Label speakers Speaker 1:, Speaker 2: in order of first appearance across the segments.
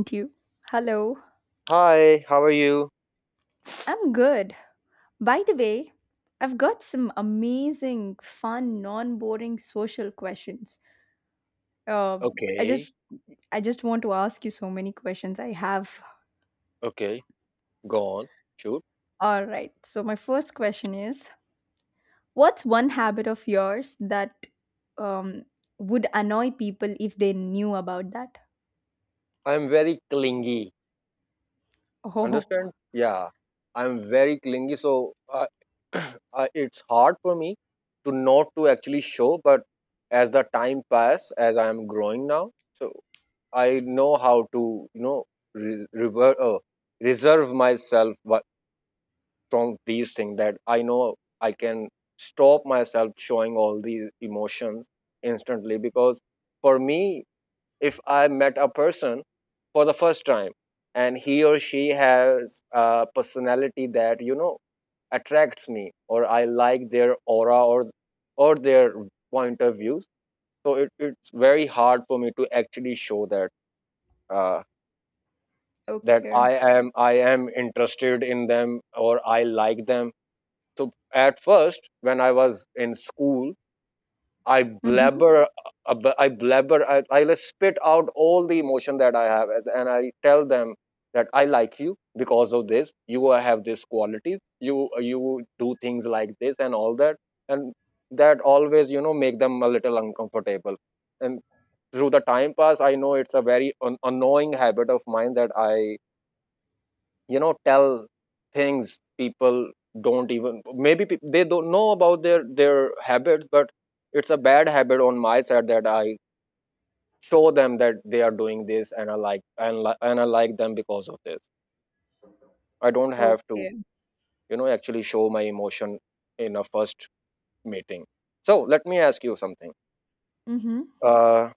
Speaker 1: Thank you. Hello.
Speaker 2: Hi, how are you?
Speaker 1: I'm good. By the way, I've got some amazing, fun, non-boring social questions. Uh, I
Speaker 2: Okay,
Speaker 1: just I just want to ask you so many questions I have.
Speaker 2: okay, go on, shoot.
Speaker 1: All right. So my first question is, what's one habit of yours that um would annoy people if they knew about that?
Speaker 2: I'm very clingy.
Speaker 1: Oh,
Speaker 2: Understand? Yeah, I'm very clingy, so it's hard for me to not to actually show. But as the time pass, as I am growing now, so I know how to, you know, re- rever- uh, reserve myself, from these things. That I know I can stop myself showing all these emotions instantly because for me, if I met a person for the first time and he or she has a personality that, you know, attracts me, or I like their aura or their point of views. So it's very hard for me to actually show that uh, that
Speaker 1: okay.
Speaker 2: I am interested in them or I like them. So at first, when I was in school, I
Speaker 1: Mm-hmm.
Speaker 2: blabber, I blabber, I just spit out all the emotion that I have, and I tell them that I like you because of this. You have this qualities. You do things like this and all that, and that always, you know, make them a little uncomfortable. And through the time pass, I know it's a very annoying habit of mine that I, you know, tell things people don't even maybe they don't know about their habits, but it's a bad habit on my side that I show them that they are doing this and I like and I like them because of this. I don't have to,
Speaker 1: Okay.
Speaker 2: you know, actually show my emotion in a first meeting. So let me ask you something.
Speaker 1: Mm-hmm.
Speaker 2: uh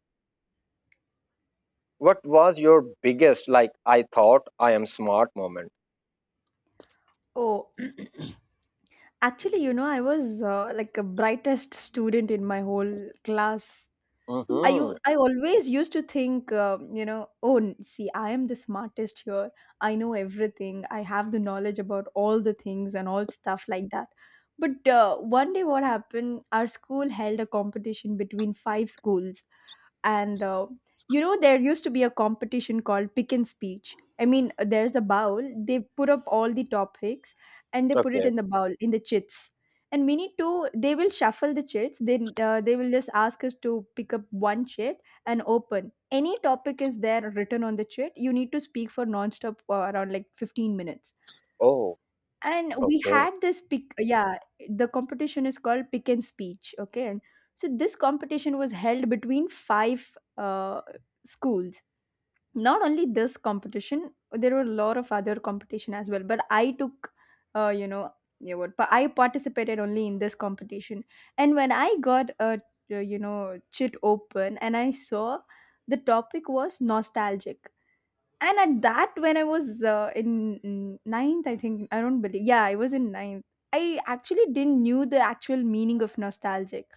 Speaker 2: what was your biggest like I thought I am smart moment?
Speaker 1: Oh. Actually, I was like a brightest student in my whole class.
Speaker 2: Mm-hmm.
Speaker 1: I always used to think, oh, see, I am the smartest here. I know everything. I have the knowledge about all the things and all stuff like that. But one day, what happened? Our school held a competition between five schools, and there used to be a competition called Pick and Speech. I mean, there's a bowl. They put up all the topics, and they put it
Speaker 2: Okay.
Speaker 1: in the bowl in the chits, and we need to they will shuffle the chits. Then they will just ask us to pick up one chit and open. Any topic is there written on the chit, you need to speak for non-stop around like 15 minutes.
Speaker 2: Oh,
Speaker 1: And we
Speaker 2: okay.
Speaker 1: had this pick. Yeah, the competition is called Pick and Speech, okay? And so this competition was held between five schools. Not only this competition, there were a lot of other competition as well. But I took, uh, you know, yeah, what? But I participated only in this competition. And when I got a, chit open, and I saw the topic was nostalgic. And at that when I was in ninth, I think, I don't believe, yeah, I was in ninth. I actually didn't knew the actual meaning of nostalgic,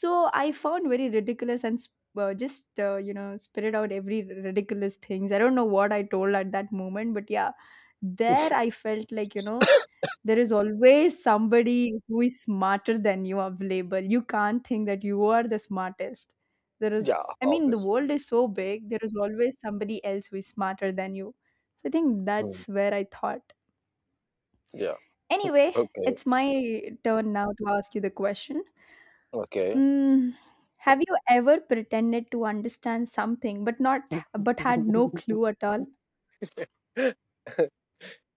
Speaker 1: so I found very ridiculous and just spitted out every ridiculous things. I don't know what I told at that moment, but yeah, there I felt like there is always somebody who is smarter than you available. You can't think that you are the smartest. There
Speaker 2: yeah,
Speaker 1: is, I mean, the
Speaker 2: obviously.
Speaker 1: world is so big, there is always somebody else who is smarter than you. So I think
Speaker 2: Hmm.
Speaker 1: that's where I thought.
Speaker 2: Yeah.
Speaker 1: Anyway,
Speaker 2: Okay,
Speaker 1: it's my turn now to ask you the question.
Speaker 2: okay.
Speaker 1: Mm, have you ever pretended to understand something but not but had no clue at all?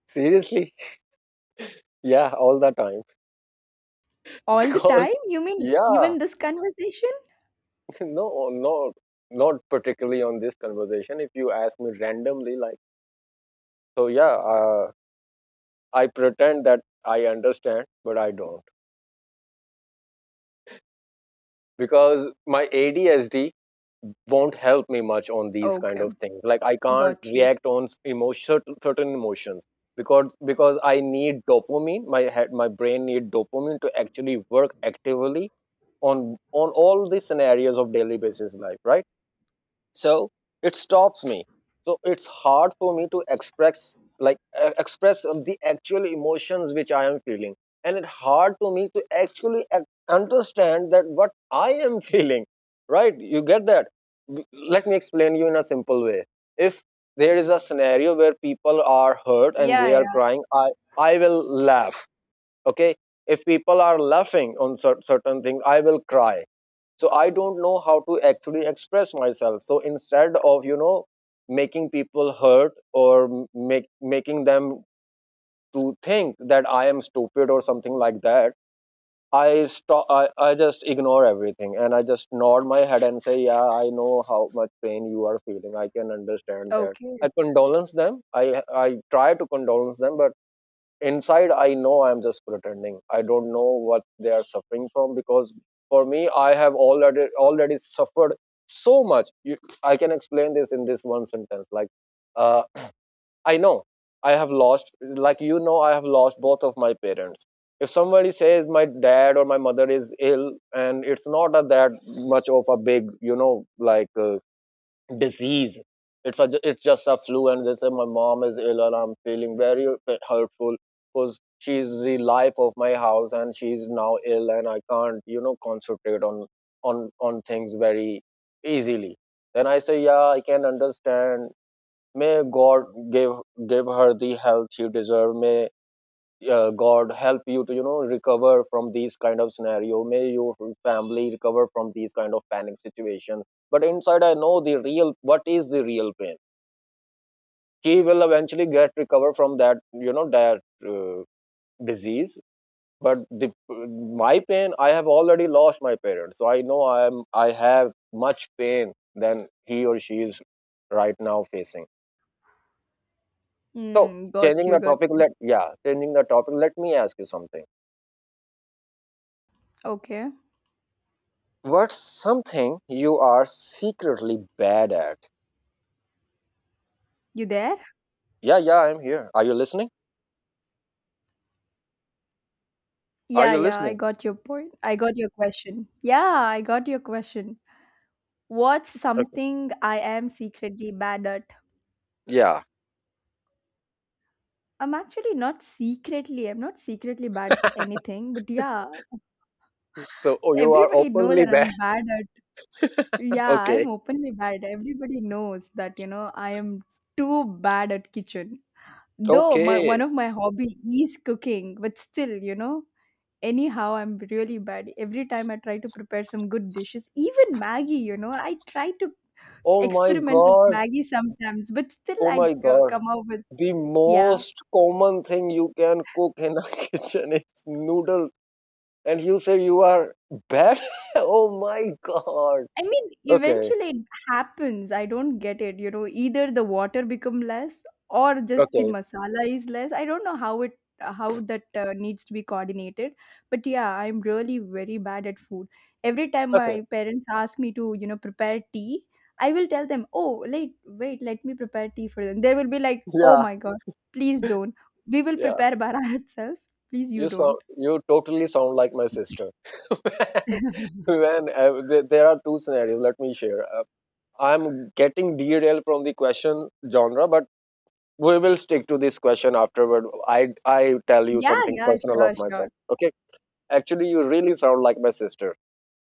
Speaker 2: Seriously? Yeah, all the time.
Speaker 1: All the
Speaker 2: Because,
Speaker 1: time? You mean
Speaker 2: yeah,
Speaker 1: even this conversation?
Speaker 2: no, not particularly on this conversation. If you ask me randomly, like, so yeah, uh, I pretend that I understand, but I don't, because my ADSD won't help me much on these kind
Speaker 1: Okay,
Speaker 2: of things. Like, I can't
Speaker 1: got you.
Speaker 2: react on s- emotion certain emotions, because I need dopamine. My head my brain need dopamine to actually work actively on all the scenarios of daily basis life, right? So it stops me. So it's hard for me to express, like, express of the actual emotions which I am feeling. And it's hard to me to actually understand that what I am feeling, right? You get that? Let me explain you in a simple way. If there is a scenario where people are hurt and
Speaker 1: Yeah,
Speaker 2: they are
Speaker 1: yeah.
Speaker 2: crying, I will laugh. Okay? If people are laughing on certain things, I will cry. So I don't know how to actually express myself. So instead of, you know, making people hurt or m- make making them to think that I am stupid or something like that, I just ignore everything, and I just nod my head and say, yeah, I know how much pain you are feeling, I can understand that.
Speaker 1: Okay.
Speaker 2: I condolence them, I try to condolence them, but inside I know I'm just pretending. I don't know what they are suffering from, because for me, I have already suffered so much. You, I can explain this in this one sentence, like, uh, I know I have lost, like, you know, I have lost both of my parents. If somebody says my dad or my mother is ill, and it's not a that much of a big, you know, like, disease. It's a, it's just a flu, and they say my mom is ill, and I'm feeling very hurtful because she's the life of my house, and she's now ill, and I can't, you know, concentrate on things very easily. Then I say, yeah, I can understand. May God give give her the health she deserves. May God help you to, you know, recover from these kind of scenario. May your family recover from these kind of panic situation. But inside I know the real, what is the real pain. She will eventually get recover from that, you know, that uh, disease. But the, my pain, I have already lost my parents, so I know I have much pain than he or she is right now facing. So
Speaker 1: Hmm, got
Speaker 2: changing
Speaker 1: you,
Speaker 2: the
Speaker 1: got
Speaker 2: topic,
Speaker 1: you.
Speaker 2: let yeah changing the topic, let me ask you something.
Speaker 1: Okay.
Speaker 2: What's something you are secretly bad at?
Speaker 1: You there?
Speaker 2: Yeah, yeah, I'm here. Are you listening? Are
Speaker 1: Yeah,
Speaker 2: you
Speaker 1: yeah, I
Speaker 2: listening?
Speaker 1: got your point. I got your question. Yeah, I got your question. What's
Speaker 2: Okay.
Speaker 1: something I am secretly bad at?
Speaker 2: Yeah.
Speaker 1: I'm actually not secretly, I'm not secretly bad at anything, but yeah,
Speaker 2: So, oh, you are
Speaker 1: everybody know
Speaker 2: openly
Speaker 1: that
Speaker 2: bad.
Speaker 1: I'm bad at. Yeah,
Speaker 2: okay.
Speaker 1: I'm openly bad. Everybody knows that, I am too bad at kitchen. Though my one
Speaker 2: Okay.
Speaker 1: of my hobby is cooking, but still, anyhow I'm really bad. Every time I try to prepare some good dishes, even Maggie, I try to
Speaker 2: Oh my
Speaker 1: experiment with
Speaker 2: god.
Speaker 1: Maggie sometimes, but still
Speaker 2: Oh
Speaker 1: I
Speaker 2: my
Speaker 1: co-
Speaker 2: god.
Speaker 1: come out with
Speaker 2: The
Speaker 1: yeah.
Speaker 2: most common thing you can cook in a kitchen is noodle, and you say you are bad? oh my god.
Speaker 1: I mean,
Speaker 2: Okay.
Speaker 1: eventually it happens. I don't get it. Either the water become less or just the
Speaker 2: Okay.
Speaker 1: masala is less. I don't know how that needs to be coordinated. But yeah, I'm really very bad at food. Every time
Speaker 2: Okay.
Speaker 1: my parents ask me to, prepare tea, I will tell them, "Oh, wait, wait, let me prepare tea for them." They will be like, "Oh
Speaker 2: Yeah.
Speaker 1: my god, please don't. We will
Speaker 2: Yeah.
Speaker 1: prepare by ourselves. Please, you
Speaker 2: You So
Speaker 1: don't."
Speaker 2: you totally sound like my sister. When there are two scenarios, let me share. I'm getting derailed from the question genre, but we will stick to this question afterward. I tell you
Speaker 1: Yeah,
Speaker 2: something
Speaker 1: yeah,
Speaker 2: personal of
Speaker 1: sure, sure.
Speaker 2: myself. Okay, actually, you really sound like my sister.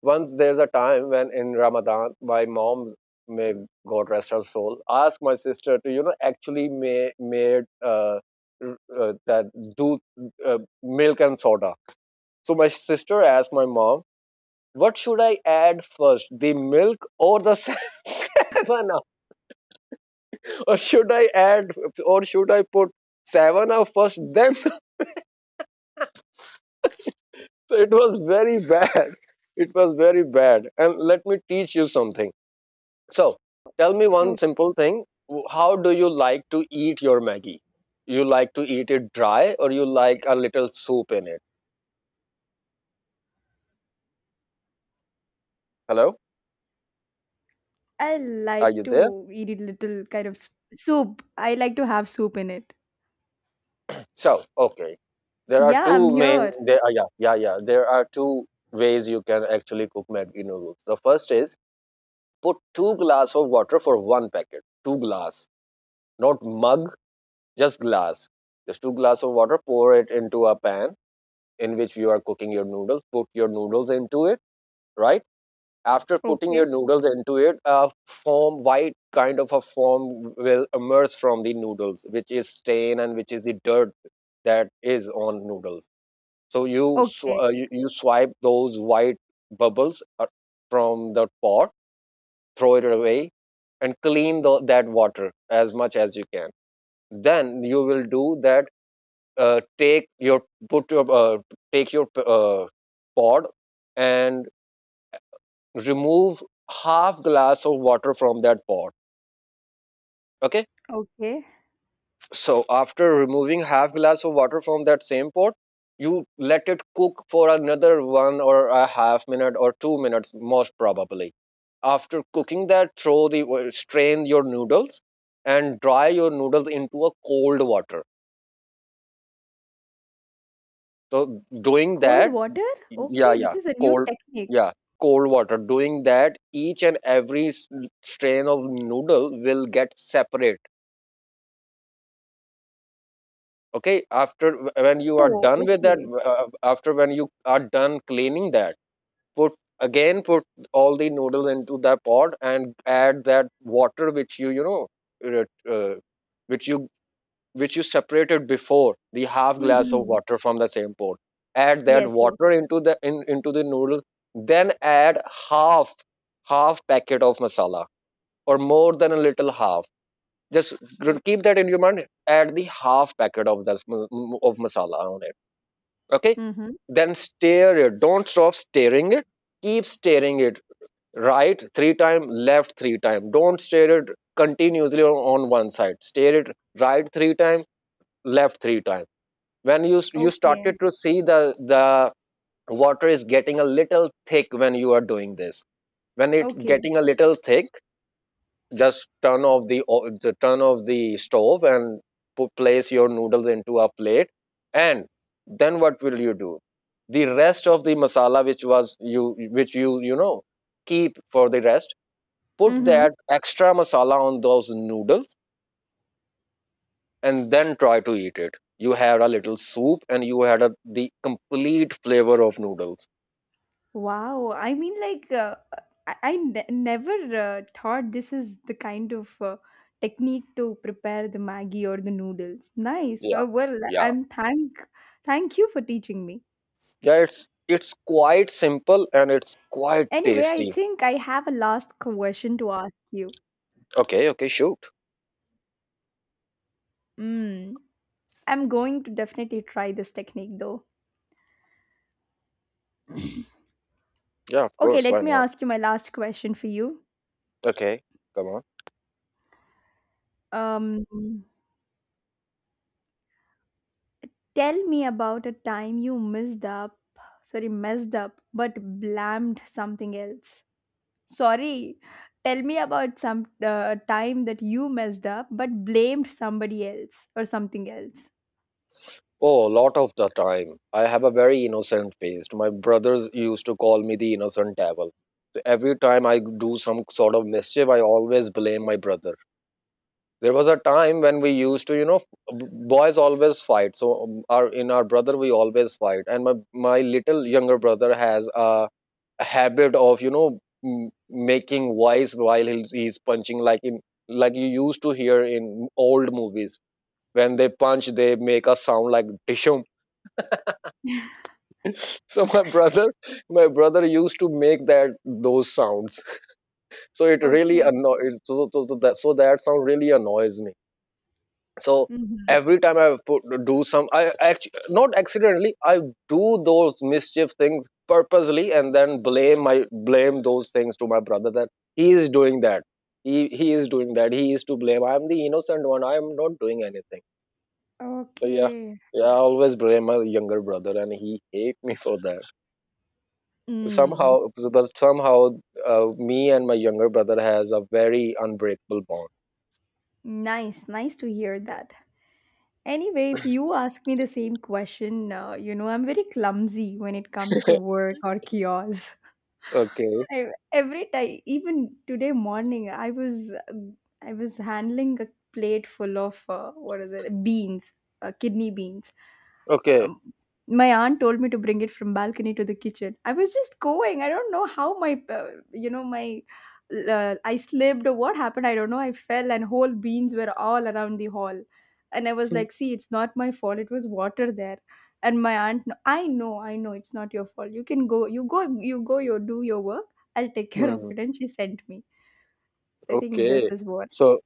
Speaker 2: Once there's a time when in Ramadan, my mom's, may God rest her soul, asked my sister to, you know, actually ma- made r- that do milk and soda. So my sister asked my mom, what should I add first, the milk or the seven up? Or should I add, or should I put seven up first? Then, so it was very bad. It was very bad. And let me teach you something. So tell me one
Speaker 1: Oh,
Speaker 2: simple thing. How do you like to eat your Maggie? You like to eat it dry, or you like a little soup in it? Hello,
Speaker 1: I
Speaker 2: are
Speaker 1: like
Speaker 2: you there?
Speaker 1: to eat it little kind of soup. I like to have soup in it.
Speaker 2: So, okay. There are
Speaker 1: Yeah, I'm
Speaker 2: two main
Speaker 1: here.
Speaker 2: there are yeah, yeah, yeah. There are two ways you can actually cook Maggi noodles. The first is, put two glass of water for one packet. Two glass. Not mug, just glass. Just two glass of water, pour it into a pan in which you are cooking your noodles. Put your noodles into it, right? After putting
Speaker 1: Okay,
Speaker 2: your noodles into it, a foam, white kind of a foam will emerge from the noodles, which is stain and which is the dirt that is on noodles. So you
Speaker 1: okay,
Speaker 2: you swipe those white bubbles from the pot, throw it away, and clean the, that water as much as you can. Then you will do that. Take your put your take your pod and remove half glass of water from that pot. Okay.
Speaker 1: okay.
Speaker 2: So after removing half glass of water from that same pot, you let it cook for another one or a half minute or 2 minutes, most probably. After cooking that, throw the, strain your noodles and dry your noodles into a cold water. So doing
Speaker 1: Cold
Speaker 2: that,
Speaker 1: water?
Speaker 2: yeah,
Speaker 1: Okay, this is a new technique.
Speaker 2: yeah, cold water. Doing that, each and every strain of noodle will get separated. Okay, after when you are
Speaker 1: Oh,
Speaker 2: done with that,
Speaker 1: okay.
Speaker 2: after when you are done cleaning that, put put all the noodles into that pot and add that water which you know, uh, uh, which you which you separated before, the half glass of
Speaker 1: Mm-hmm.
Speaker 2: water from the same pot. Add that
Speaker 1: Yes, yes.
Speaker 2: water into into the noodles, then add half half packet of masala, or more than a little half, just keep
Speaker 1: Okay.
Speaker 2: that in your mind. Add the half packet of that of masala on it. Okay,
Speaker 1: Mm-hmm.
Speaker 2: then stir it. Don't stop stirring it. Keep stirring it. Right three time, left three time. Don't stir it continuously on one side. Stir it right three time, left three time. When you
Speaker 1: Okay,
Speaker 2: started to see the the water is getting a little thick when you are doing this. When it
Speaker 1: okay.
Speaker 2: getting a little thick, just turn off the, turn off the stove and place your noodles into a plate, and then what will you do, the rest of the masala which was you, which you know, keep for the rest, put
Speaker 1: Mm-hmm.
Speaker 2: that extra masala on those noodles, and then try to eat it. You had a little soup and you had a, the complete flavor of noodles.
Speaker 1: Wow, I mean, like, I never thought this is the kind of technique to prepare the Maggie or the noodles. Nice.
Speaker 2: Yeah,
Speaker 1: Well,
Speaker 2: yeah,
Speaker 1: I'm thank thank you for teaching me.
Speaker 2: yeah, it's quite simple and it's quite
Speaker 1: Anyway, I
Speaker 2: tasty.
Speaker 1: think I have a last question to ask you.
Speaker 2: Okay, okay, shoot.
Speaker 1: Mm, I'm going to definitely try this technique though.
Speaker 2: Yeah, of
Speaker 1: Okay,
Speaker 2: course,
Speaker 1: let
Speaker 2: why
Speaker 1: me
Speaker 2: not.
Speaker 1: ask you my last question for you.
Speaker 2: Okay, come on.
Speaker 1: Um, Tell me about a time you messed up, sorry, messed up, but blamed something else. Sorry, tell me about some time that you messed up but blamed somebody else or something else.
Speaker 2: Oh, a lot of the time. I have a very innocent face. My brothers used to call me the innocent devil. So every time I do some sort of mischief, I always blame my brother. There was a time when we used to, you know, b- boys always fight. So, our in our brother we always fight, and my little younger brother has a habit of, you know, m- making voice while he's punching, like in, like you used to hear in old movies, when they punch they make a sound like dishum. so my brother, my brother used to make that those sounds, so it really
Speaker 1: Okay.
Speaker 2: annoys, that, so that sound really annoys me. So
Speaker 1: Mhm.
Speaker 2: every time do some, I actually not accidentally, I do those mischief things purposely and then blame my blame those things to my brother, that he is doing that, he is doing that, he is to blame, I am the innocent one, I am not doing anything. So yeah,
Speaker 1: Okay.
Speaker 2: yeah, I always blame my younger brother, and he hate me for that.
Speaker 1: Mm,
Speaker 2: Somehow, but somehow, me and my younger brother has a very unbreakable bond.
Speaker 1: Nice, nice to hear that. Anyway, if you ask me the same question, I'm very clumsy when it comes to work or chaos.
Speaker 2: Okay,
Speaker 1: I, every time, even today morning, I was I was handling a plate full of what are the beans, kidney beans.
Speaker 2: okay,
Speaker 1: um, my aunt told me to bring it from balcony to the kitchen. I was just going. I don't know how my you know my I slipped or what happened. I don't know. I fell, and whole beans were all around the hall. And I was like, see, it's not my fault, it was water there. And my aunt I know, it's not your fault. You can go, you go, you go, you do your work. I'll take care of
Speaker 2: hmm,
Speaker 1: it. And she sent me, so I think this
Speaker 2: okay.
Speaker 1: is what.
Speaker 2: So,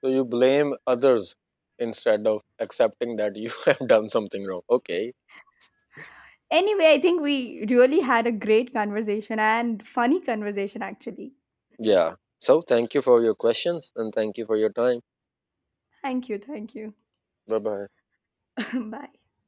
Speaker 2: so you blame others instead of accepting that you have done something wrong. Okay,
Speaker 1: Anyway, I think we really had a great conversation and funny conversation actually.
Speaker 2: yeah. So thank you for your questions and thank you for your time.
Speaker 1: Thank you, thank you.
Speaker 2: Bye bye.
Speaker 1: Bye.